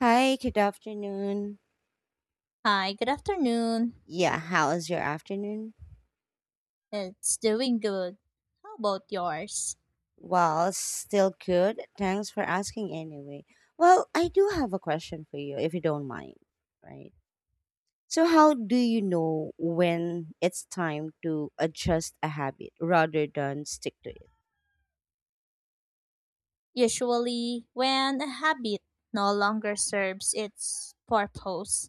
Hi, good afternoon. Hi, good afternoon. Yeah, how is your afternoon? It's doing good. How about yours? Well, still good. Thanks for asking anyway. Well, I do have a question for you if you don't mind, right? So, how do you know when it's time to adjust a habit rather than stick to it? Usually, when a habit no longer serves its purpose,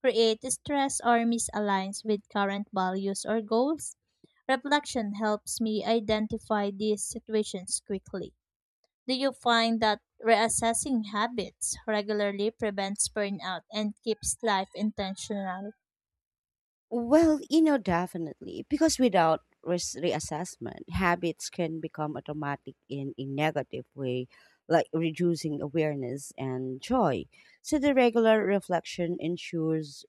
creates stress or misaligns with current values or goals, reflection helps me identify these situations quickly. Do you find that reassessing habits regularly prevents burnout and keeps life intentional? Well, definitely. Because without reassessment, habits can become automatic in a negative way, like reducing awareness and joy. So, the regular reflection ensures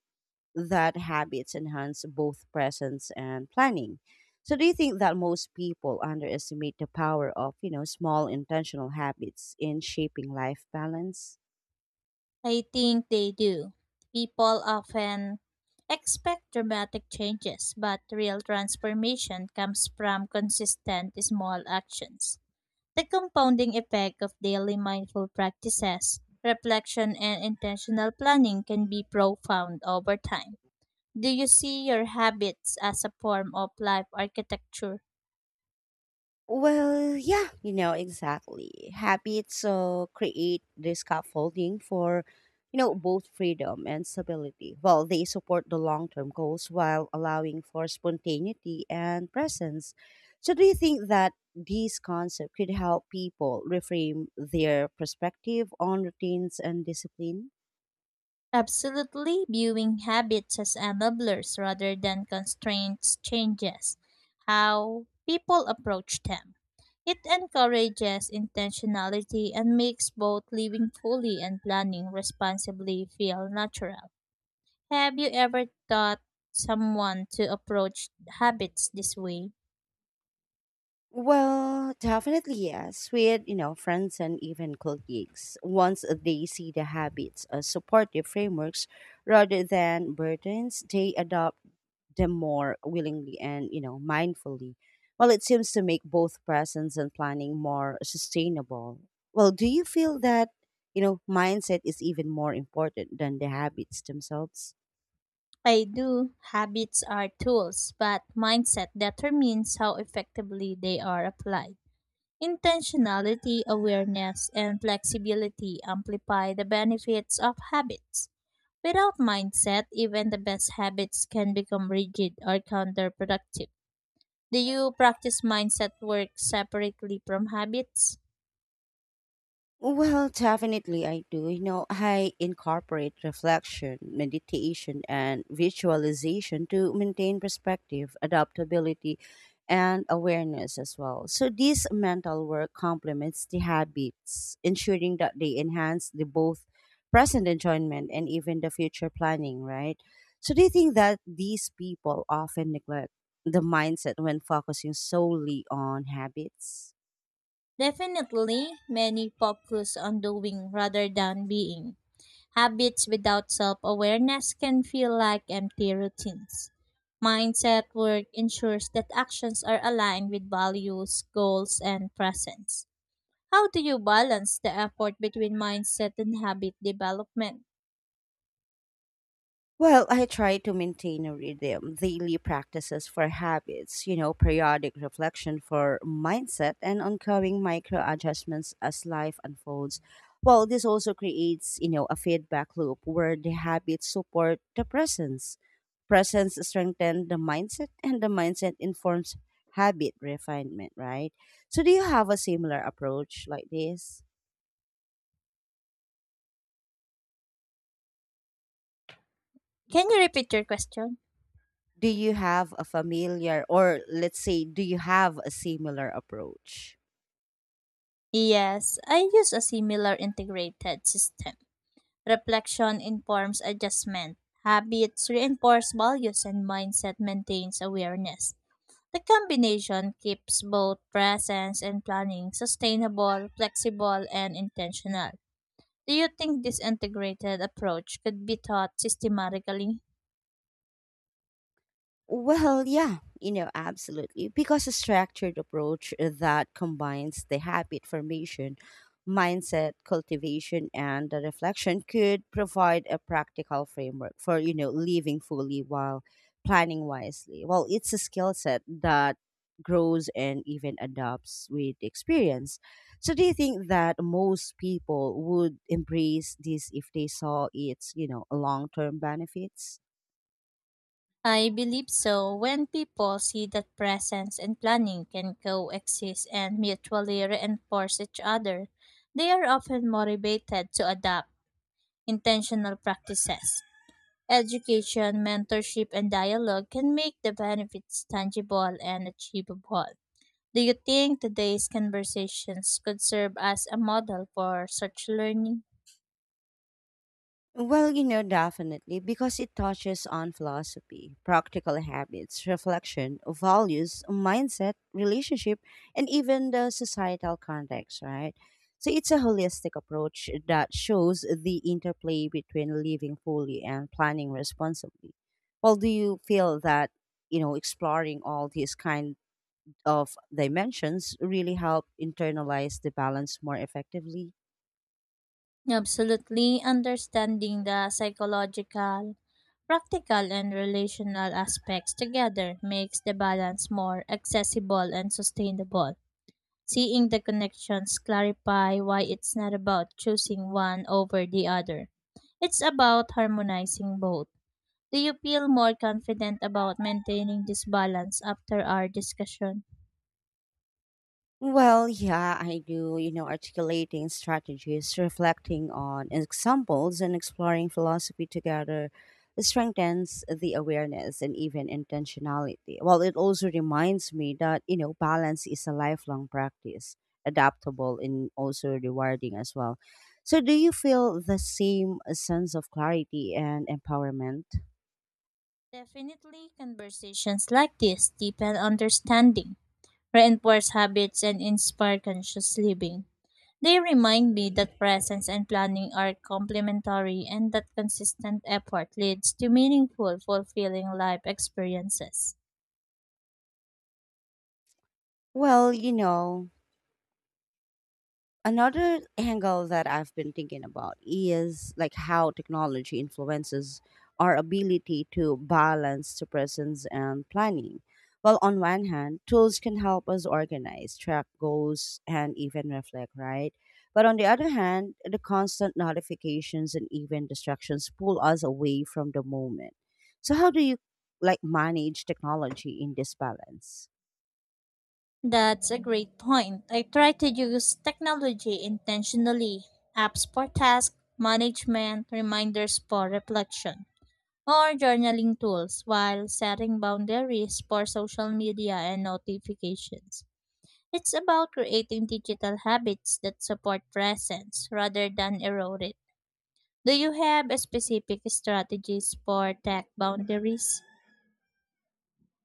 that habits enhance both presence and planning. So, do you think that most people underestimate the power of, small intentional habits in shaping life balance? I think they do. People often expect dramatic changes, but real transformation comes from consistent small actions. The compounding effect of daily mindful practices, reflection, and intentional planning can be profound over time. Do you see your habits as a form of life architecture? Well, yeah, exactly. Habits so create the scaffolding for, both freedom and stability. Well, they support the long term goals while allowing for spontaneity and presence. So, do you think that these concepts could help people reframe their perspective on routines and discipline? Absolutely, viewing habits as enablers rather than constraints changes how people approach them. It encourages intentionality and makes both living fully and planning responsibly feel natural. Have you ever taught someone to approach habits this way? Well, definitely yes. With friends and even colleagues, once they see the habits as supportive frameworks rather than burdens, they adopt them more willingly and mindfully. Well, it seems to make both presence and planning more sustainable. Well, do you feel that mindset is even more important than the habits themselves? I do. Habits are tools, but mindset determines how effectively they are applied. Intentionality, awareness, and flexibility amplify the benefits of habits. Without mindset, even the best habits can become rigid or counterproductive. Do you practice mindset work separately from habits? Well, definitely I do. You know, I incorporate reflection, meditation, and visualization to maintain perspective, adaptability, and awareness as well. So, this mental work complements the habits, ensuring that they enhance the both present enjoyment and even the future planning, right? So, do you think that these people often neglect the mindset when focusing solely on habits? Definitely, many focus on doing rather than being. Habits without self awareness can feel like empty routines. Mindset work ensures that actions are aligned with values, goals, and presence. How do you balance the effort between mindset and habit development? Well, I try to maintain a rhythm, daily practices for habits, periodic reflection for mindset, and ongoing micro adjustments as life unfolds. Well, this also creates, a feedback loop where the habits support the presence. Presence strengthens the mindset, and the mindset informs habit refinement, right? So, do you have a similar approach like this? Can you repeat your question? Do you have a familiar, or let's say, do you have a similar approach? Yes, I use a similar integrated system. Reflection informs adjustment, habits reinforce values, and mindset maintains awareness. The combination keeps both presence and planning sustainable, flexible, and intentional. Do you think this integrated approach could be taught systematically? Well, yeah, absolutely. Because a structured approach that combines the habit formation, mindset cultivation, and the reflection could provide a practical framework for, living fully while planning wisely. Well, it's a skill set that grows and even adopts with experience. So do you think that most people would embrace this if they saw its, long-term benefits? I believe so. When people see that presence and planning can coexist and mutually reinforce each other, they are often motivated to adopt intentional practices. Education, mentorship, and dialogue can make the benefits tangible and achievable. Do you think today's conversations could serve as a model for such learning? Well, definitely, because it touches on philosophy, practical habits, reflection, values, mindset, relationship, and even the societal context, right? So it's a holistic approach that shows the interplay between living fully and planning responsibly. Well, do you feel that, exploring all these kind of dimensions really help internalize the balance more effectively? Absolutely, understanding the psychological, practical, and relational aspects together makes the balance more accessible and sustainable. Seeing the connections clarify why it's not about choosing one over the other. It's about harmonizing both. Do you feel more confident about maintaining this balance after our discussion? Well, yeah, I do, you know, articulating strategies, reflecting on examples, and exploring philosophy together strengthens the awareness and even intentionality. Well, it also reminds me that, balance is a lifelong practice, adaptable and also rewarding as well. So, do you feel the same sense of clarity and empowerment? Definitely, conversations like this deepen understanding, reinforce habits, and inspire conscious living. They remind me that presence and planning are complementary and that consistent effort leads to meaningful, fulfilling life experiences. Well, another angle that I've been thinking about is like how technology influences our ability to balance the presence and planning. Well, on one hand, tools can help us organize, track goals, and even reflect, right? But on the other hand, the constant notifications and even distractions pull us away from the moment. So, how do you like manage technology in this balance? That's a great point. I try to use technology intentionally apps for task management, reminders for reflection or journaling tools while setting boundaries for social media and notifications. It's about creating digital habits that support presence rather than erode it. Do you have a specific strategies for tech boundaries?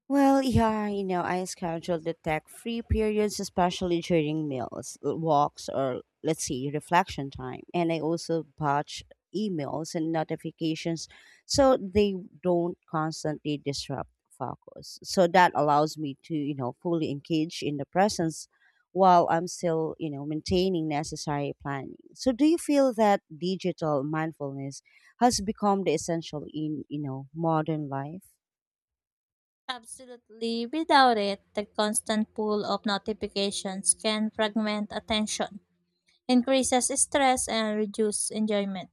Well, yeah, I schedule the tech free periods, especially during meals, walks, or let's see, reflection time. And I also batch emails and notifications so they don't constantly disrupt focus. So that allows me to, fully engage in the presence while I'm still, maintaining necessary planning. So do you feel that digital mindfulness has become the essential in, modern life? Absolutely. Without it, the constant pull of notifications can fragment attention, increases stress, and reduce enjoyment.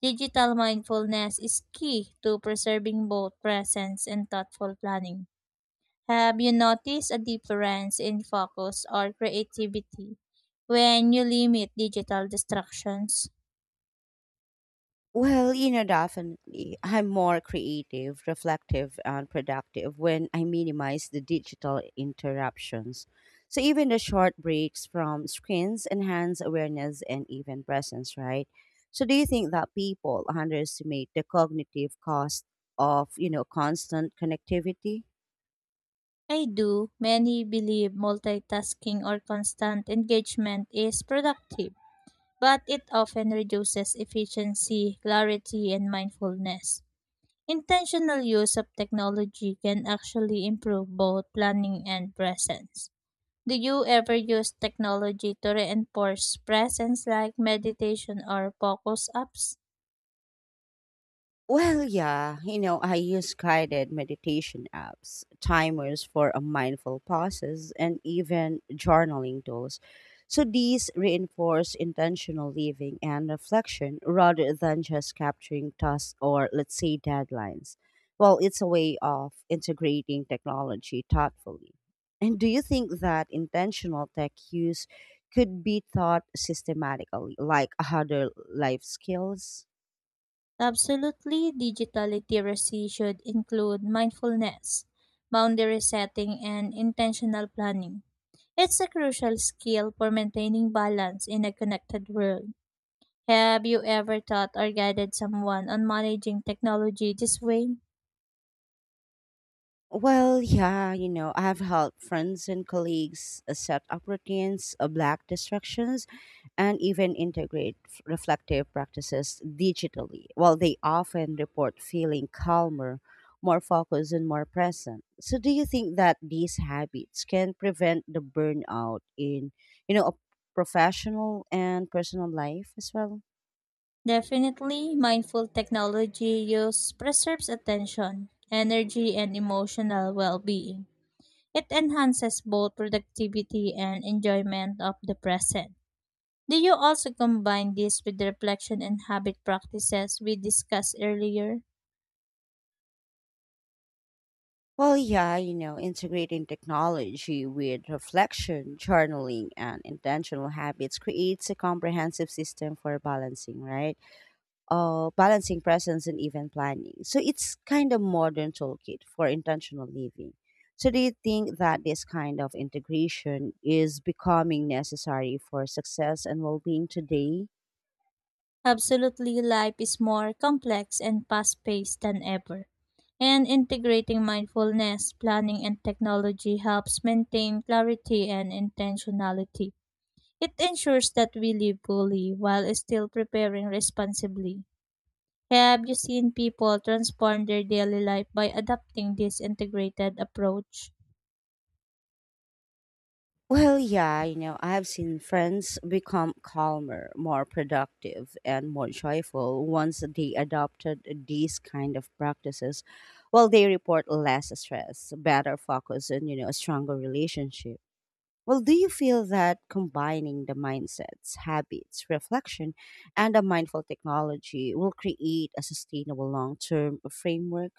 Digital mindfulness is key to preserving both presence and thoughtful planning. Have you noticed a difference in focus or creativity when you limit digital distractions? Well, definitely. I'm more creative, reflective, and productive when I minimize the digital interruptions. So even the short breaks from screens enhance awareness and even presence, right? So do you think that people underestimate the cognitive cost of, constant connectivity? I do. Many believe multitasking or constant engagement is productive, but it often reduces efficiency, clarity, and mindfulness. Intentional use of technology can actually improve both planning and presence. Do you ever use technology to reinforce presence like meditation or focus apps? Well, yeah, I use guided meditation apps, timers for a mindful pauses, and even journaling tools. So these reinforce intentional living and reflection rather than just capturing tasks or, let's say, deadlines. Well, it's a way of integrating technology thoughtfully. And do you think that intentional tech use could be taught systematically, like other life skills? Absolutely, digital literacy should include mindfulness, boundary setting, and intentional planning. It's a crucial skill for maintaining balance in a connected world. Have you ever taught or guided someone on managing technology this way? Well, yeah, I have helped friends and colleagues set up routines, black distractions, and even integrate reflective practices digitally. Well, they often report feeling calmer, more focused, and more present. So, do you think that these habits can prevent the burnout in, a professional and personal life as well? Definitely, mindful technology use preserves attention, energy, and emotional well being. It enhances both productivity and enjoyment of the present. Do you also combine this with the reflection and habit practices we discussed earlier? Well, yeah, integrating technology with reflection, journaling, and intentional habits creates a comprehensive system for balancing, right? Balancing presence and event planning. So it's kind of modern toolkit for intentional living. So do you think that this kind of integration is becoming necessary for success and well-being today? Absolutely, life is more complex and fast paced than ever. And integrating mindfulness, planning, and technology helps maintain clarity and intentionality. It ensures that we live fully while still preparing responsibly. Have you seen people transform their daily life by adopting this integrated approach? Well, yeah, I've seen friends become calmer, more productive, and more joyful once they adopted these kind of practices. Well, they report less stress, better focus, and, a stronger relationship. Well, do you feel that combining the mindsets, habits, reflection, and a mindful technology will create a sustainable long term framework?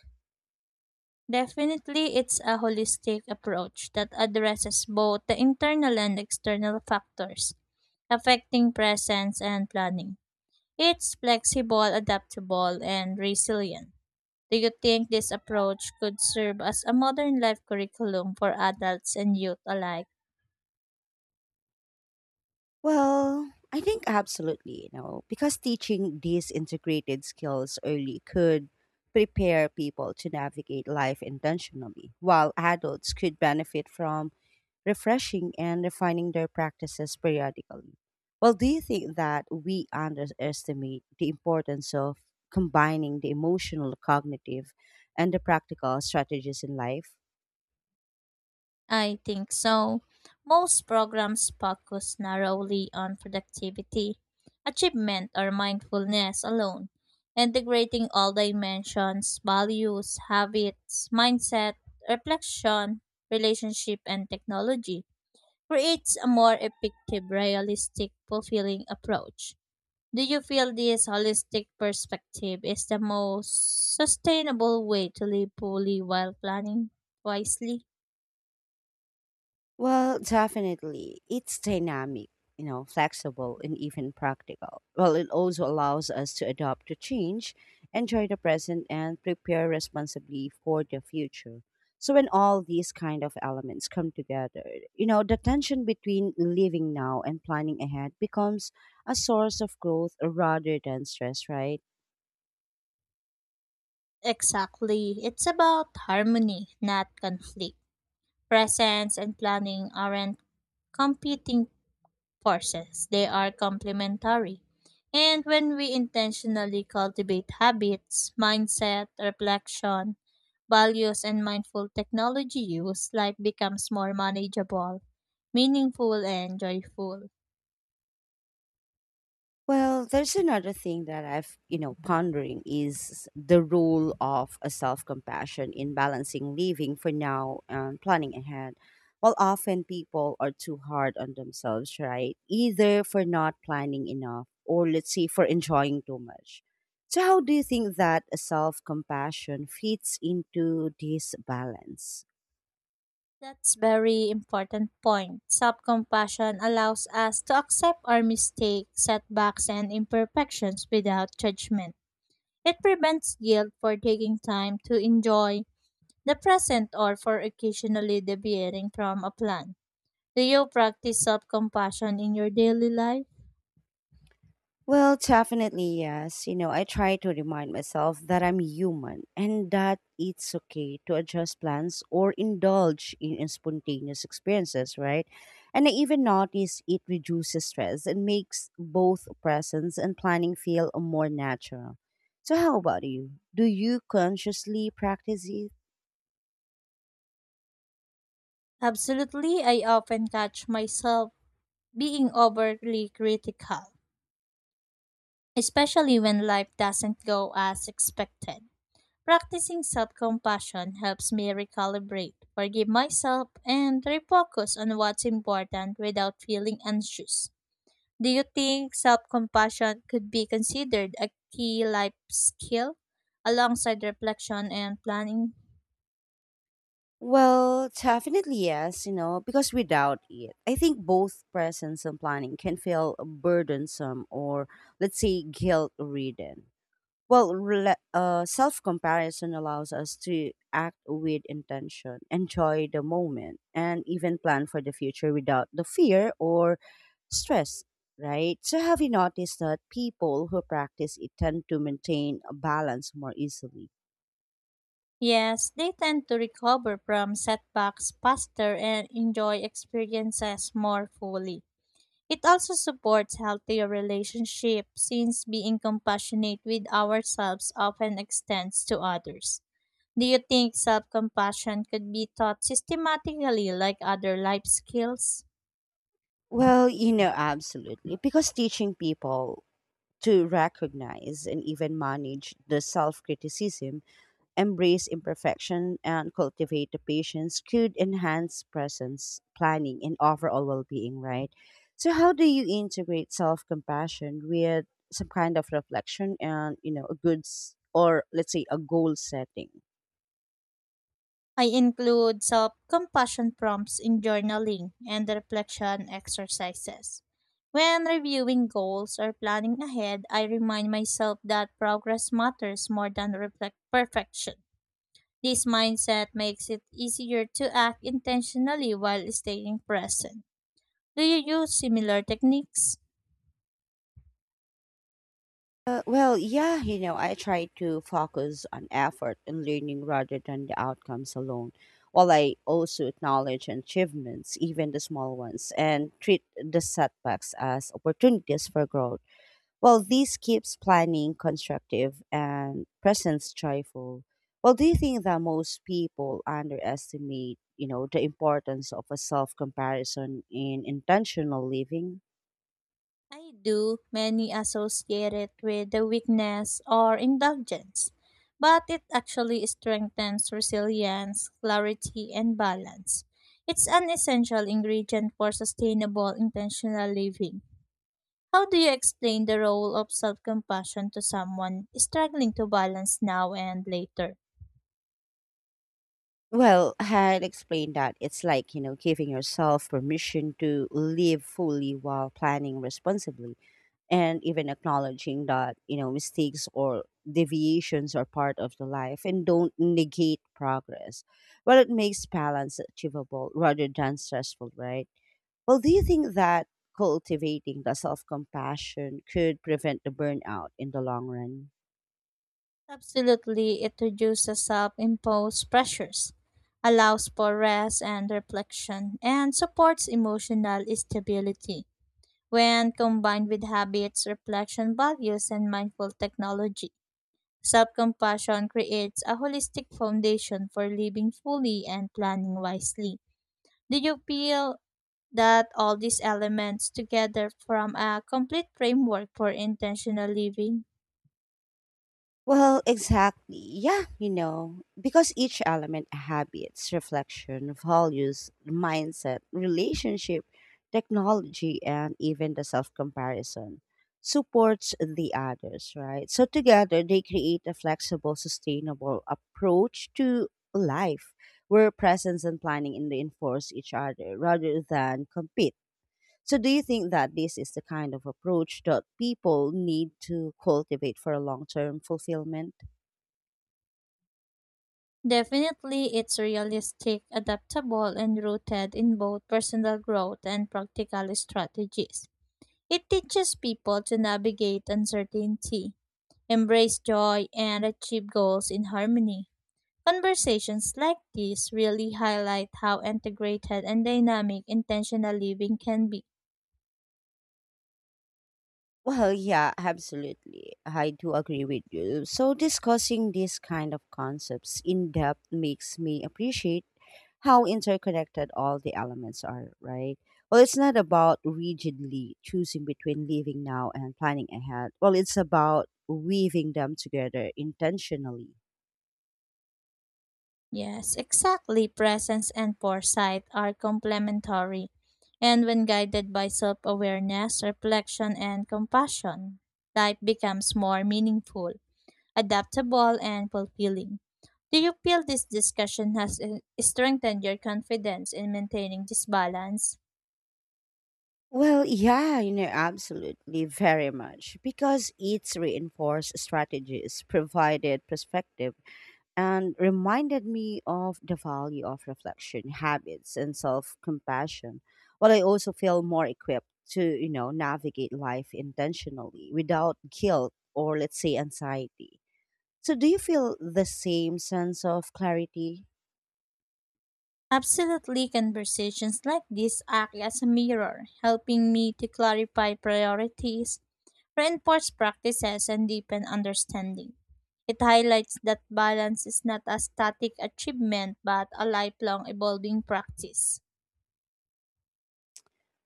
Definitely, it's a holistic approach that addresses both the internal and external factors affecting presence and planning. It's flexible, adaptable, and resilient. Do you think this approach could serve as a modern life curriculum for adults and youth alike? Well, I think absolutely, because teaching these integrated skills early could prepare people to navigate life intentionally, while adults could benefit from refreshing and refining their practices periodically. Well, do you think that we underestimate the importance of combining the emotional, cognitive, and the practical strategies in life? I think so. Most programs focus narrowly on productivity, achievement, or mindfulness alone, integrating all dimensions values, habits, mindset, reflection, relationship, and technology creates a more effective, realistic, fulfilling approach. Do you feel this holistic perspective is the most sustainable way to live fully while planning wisely? Well, definitely. It's dynamic, flexible and even practical. Well, it also allows us to adapt to change, enjoy the present and prepare responsibly for the future. So when all these kind of elements come together, the tension between living now and planning ahead becomes a source of growth rather than stress, right? Exactly. It's about harmony, not conflict. Presence and planning aren't competing forces, they are complementary. And when we intentionally cultivate habits, mindset, reflection, values, and mindful technology use, life becomes more manageable, meaningful, and joyful. Well, there's another thing that I've pondering is the role of a self-compassion in balancing living for now and planning ahead. Well, often people are too hard on themselves, right? Either for not planning enough or let's say for enjoying too much. So how do you think that a self-compassion fits into this balance? That's very important point. Self-compassion allows us to accept our mistakes, setbacks, and imperfections without judgment. It prevents guilt for taking time to enjoy the present or for occasionally deviating from a plan. Do you practice self-compassion in your daily life? Well, definitely, yes. You know, I try to remind myself that I'm human and that it's okay to adjust plans or indulge in spontaneous experiences, right? And I even notice it reduces stress and makes both presence and planning feel more natural. So, how about you? Do you consciously practice it? Absolutely, I often catch myself being overly critical, especially when life doesn't go as expected. Practicing self compassion helps me recalibrate, forgive myself, and refocus on what's important without feeling anxious. Do you think self compassion could be considered a key life skill alongside reflection and planning? Well, definitely yes, because without it, I think both presence and planning can feel burdensome or, let's say, guilt ridden. Well, self comparison allows us to act with intention, enjoy the moment, and even plan for the future without the fear or stress, right? So, have you noticed that people who practice it tend to maintain a balance more easily? Yes, they tend to recover from setbacks faster and enjoy experiences more fully. It also supports healthier relationships since being compassionate with ourselves often extends to others. Do you think self compassion could be taught systematically like other life skills? Well, absolutely. Because teaching people to recognize and even manage the self criticism, embrace imperfection, and cultivate the patience could enhance presence planning and overall well being, right? So, how do you integrate self compassion with some kind of reflection and, a good or let's say a goal setting? I include self compassion prompts in journaling and reflection exercises. When reviewing goals or planning ahead, I remind myself that progress matters more than reflect perfection. This mindset makes it easier to act intentionally while staying present. Do you use similar techniques? Well, yeah, I try to focus on effort and learning rather than the outcomes alone, while I also acknowledge achievements, even the small ones, and treat the setbacks as opportunities for growth. Well, this keeps planning constructive and presence joyful. Well, do you think that most people underestimate, the importance of a self comparison in intentional living? I do. Many associate it with the weakness or indulgence, but it actually strengthens resilience, clarity, and balance. It's an essential ingredient for sustainable intentional living. How do you explain the role of self compassion to someone struggling to balance now and later? Well, had explained that it's like, giving yourself permission to live fully while planning responsibly and even acknowledging that, mistakes or deviations are part of the life and don't negate progress. Well, it makes balance achievable rather than stressful, right? Well, do you think that cultivating the self compassion could prevent the burnout in the long run? Absolutely, it reduces self imposed pressures, allows for rest and reflection, and supports emotional stability. When combined with habits, reflection values, and mindful technology, self compassion creates a holistic foundation for living fully and planning wisely. Do you feel that all these elements together form a complete framework for intentional living? Well, exactly. Yeah, because each element habits, reflection, values, mindset, relationship, technology, and even the self comparison supports the others, right? So together they create a flexible, sustainable approach to life where presence and planning reinforce each other rather than compete. So, do you think that this is the kind of approach that people need to cultivate for long term fulfillment? Definitely, it's realistic, adaptable, and rooted in both personal growth and practical strategies. It teaches people to navigate uncertainty, embrace joy, and achieve goals in harmony. Conversations like these really highlight how integrated and dynamic intentional living can be. Well, yeah, absolutely. I do agree with you. So, discussing these kind of concepts in depth makes me appreciate how interconnected all the elements are, right? Well, it's not about rigidly choosing between living now and planning ahead. Well, it's about weaving them together intentionally. Yes, exactly. Presence and foresight are complementary, and when guided by self awareness, reflection, and compassion, life becomes more meaningful, adaptable, and fulfilling. Do you feel this discussion has strengthened your confidence in maintaining this balance? Well, yeah, absolutely, very much. Because it's reinforced strategies, provided perspective, and reminded me of the value of reflection, habits, and self compassion. While I also feel more equipped to, navigate life intentionally without guilt or, let's say, anxiety. So, do you feel the same sense of clarity? Absolutely, conversations like this act as a mirror, helping me to clarify priorities, reinforce practices, and deepen understanding. It highlights that balance is not a static achievement but a lifelong evolving practice.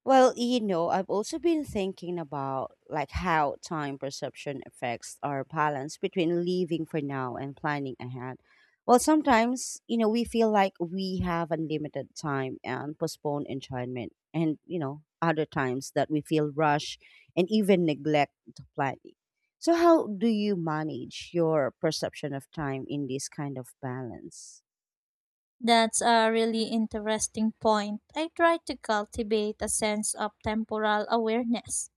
Well, I've also been thinking about like how time perception affects our balance between living for now and planning ahead. Well, sometimes, we feel like we have unlimited time and postpone enjoyment and, other times that we feel rush and even neglect the planning. So how do you manage your perception of time in this kind of balance? That's a really interesting point. I try to cultivate a sense of temporal awareness,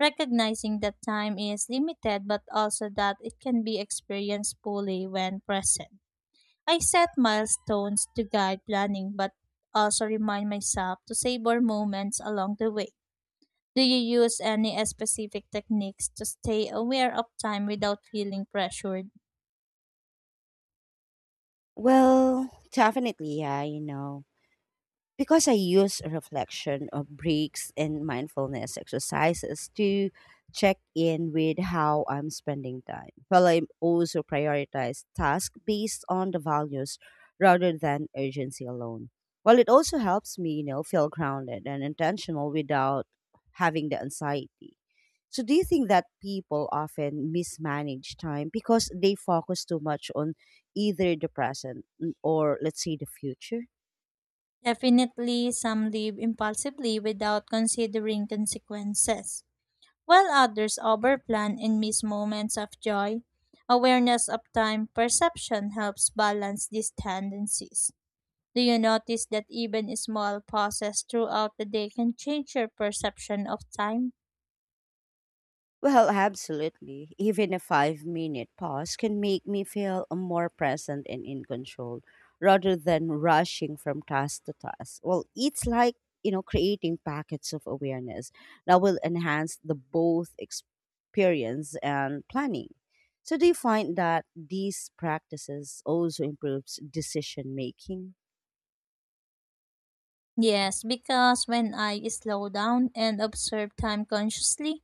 recognizing that time is limited but also that it can be experienced fully when present. I set milestones to guide planning, but also remind myself to savor moments along the way. Do you use any specific techniques to stay aware of time without feeling pressured? Well, definitely, yeah, you know. Because I use reflection of breaks and mindfulness exercises to check in with how I'm spending time. While I also prioritize tasks based on the values rather than urgency alone. Well, it also helps me, feel grounded and intentional without having the anxiety. So, do you think that people often mismanage time because they focus too much on either the present or, let's say, the future? Definitely, some live impulsively without considering consequences, while others overplan and miss moments of joy. Awareness of time perception helps balance these tendencies. Do you notice that even small pauses throughout the day can change your perception of time? Well, absolutely. Even a 5-minute pause can make me feel more present and in control rather than rushing from task to task. Well, it's like creating packets of awareness that will enhance the both experience and planning. So do you find that these practices also improves decision making? Yes, because when I slow down and observe time consciously,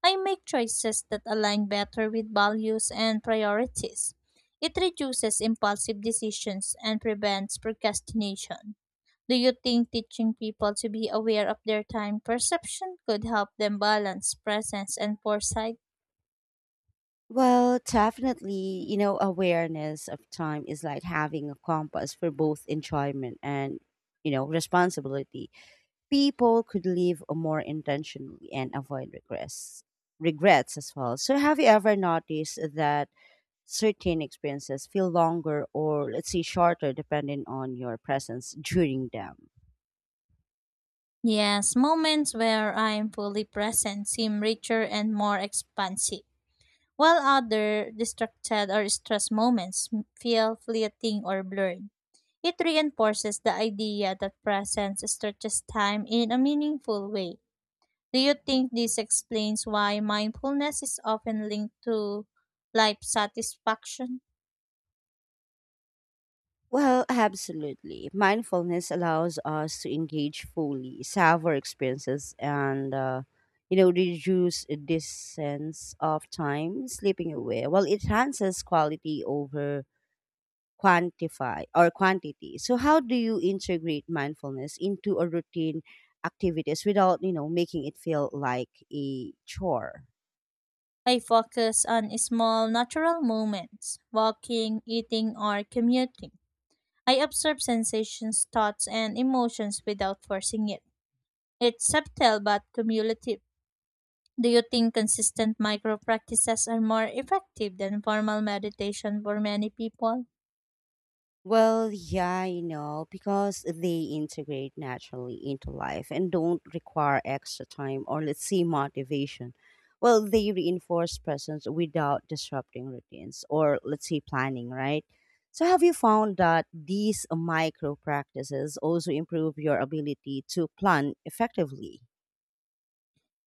I make choices that align better with values and priorities. It reduces impulsive decisions and prevents procrastination. Do you think teaching people to be aware of their time perception could help them balance presence and foresight? Well, definitely, awareness of time is like having a compass for both enjoyment and, responsibility. People could live more intentionally and avoid regrets, regrets as well. So, have you ever noticed that certain experiences feel longer or let's say shorter depending on your presence during them. Yes, moments where I am fully present seem richer and more expansive, while other distracted or stressed moments feel fleeting or blurred. It reinforces the idea that presence stretches time in a meaningful way. Do you think this explains why mindfulness is often linked to life satisfaction? Well, absolutely. Mindfulness allows us to engage fully, savor experiences, and reduce this sense of time slipping away. Well, it enhances quality over quantify or quantity. So how do you integrate mindfulness into a routine activities without, making it feel like a chore? I focus on small natural moments, walking, eating, or commuting I observe sensations, thoughts, and emotions without forcing it. It's subtle but cumulative. Do you think consistent micro practices are more effective than formal meditation for many people? Well, yeah, because they integrate naturally into life and don't require extra time or let's say motivation. Well, they reinforce presence without disrupting routines or let's say planning, right? So, have you found that these micro practices also improve your ability to plan effectively?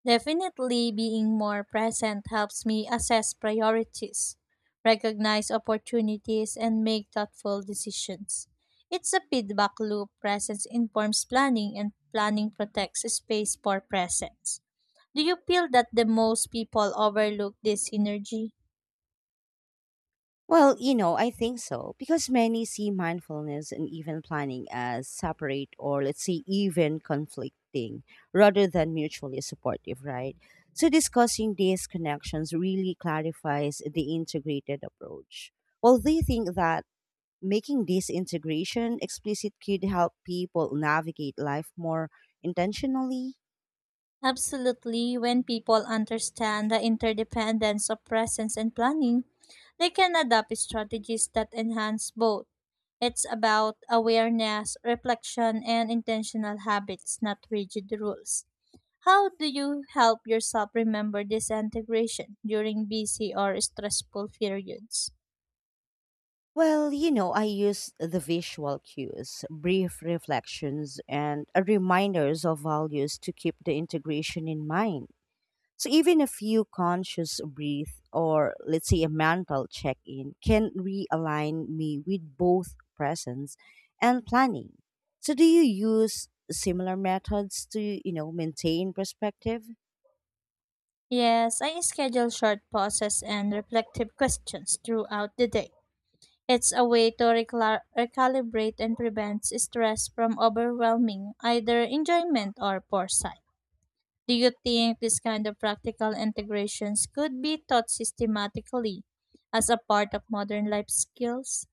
Definitely being more present helps me assess priorities, recognize opportunities, and make thoughtful decisions. It's a feedback loop. Presence informs planning, and planning protects space for presence. Do you feel that the most people overlook this synergy? Well, I think so because many see mindfulness and even planning as separate or let's say even conflicting rather than mutually supportive, right? So discussing these connections really clarifies the integrated approach. Well, they think that making this integration explicit could help people navigate life more intentionally. Absolutely, when people understand the interdependence of presence and planning, they can adopt strategies that enhance both. It's about awareness, reflection, and intentional habits, not rigid rules. How do you help yourself remember this integration during busy or stressful periods? Well, I use the visual cues, brief reflections, and reminders of values to keep the integration in mind. So, even a few conscious breath or, let's say, a mental check in can realign me with both presence and planning. So, do you use similar methods to, maintain perspective? Yes, I schedule short pauses and reflective questions throughout the day. It's a way to recalibrate and prevents stress from overwhelming either enjoyment or foresight. Do you think this kind of practical integrations could be taught systematically as a part of modern life skills?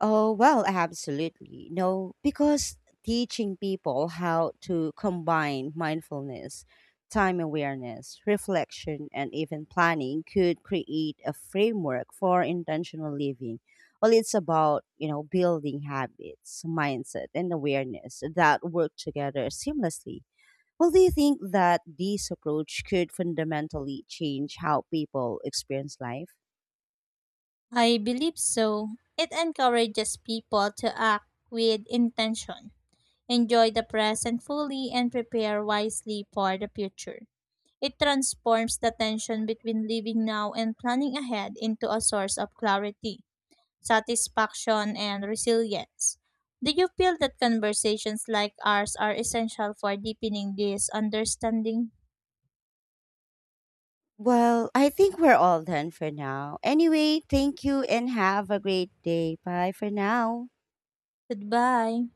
Oh, well, absolutely. No, because teaching people how to combine mindfulness, time awareness, reflection, and even planning could create a framework for intentional living. Well, it's about, building habits, mindset, and awareness that work together seamlessly. Well, do you think that this approach could fundamentally change how people experience life? I believe so. It encourages people to act with intention, enjoy the present fully, and prepare wisely for the future. It transforms the tension between living now and planning ahead into a source of clarity, satisfaction, and resilience. Do you feel that conversations like ours are essential for deepening this understanding? Well, I think we're all done for now. Anyway, thank you and have a great day. Bye for now. Goodbye.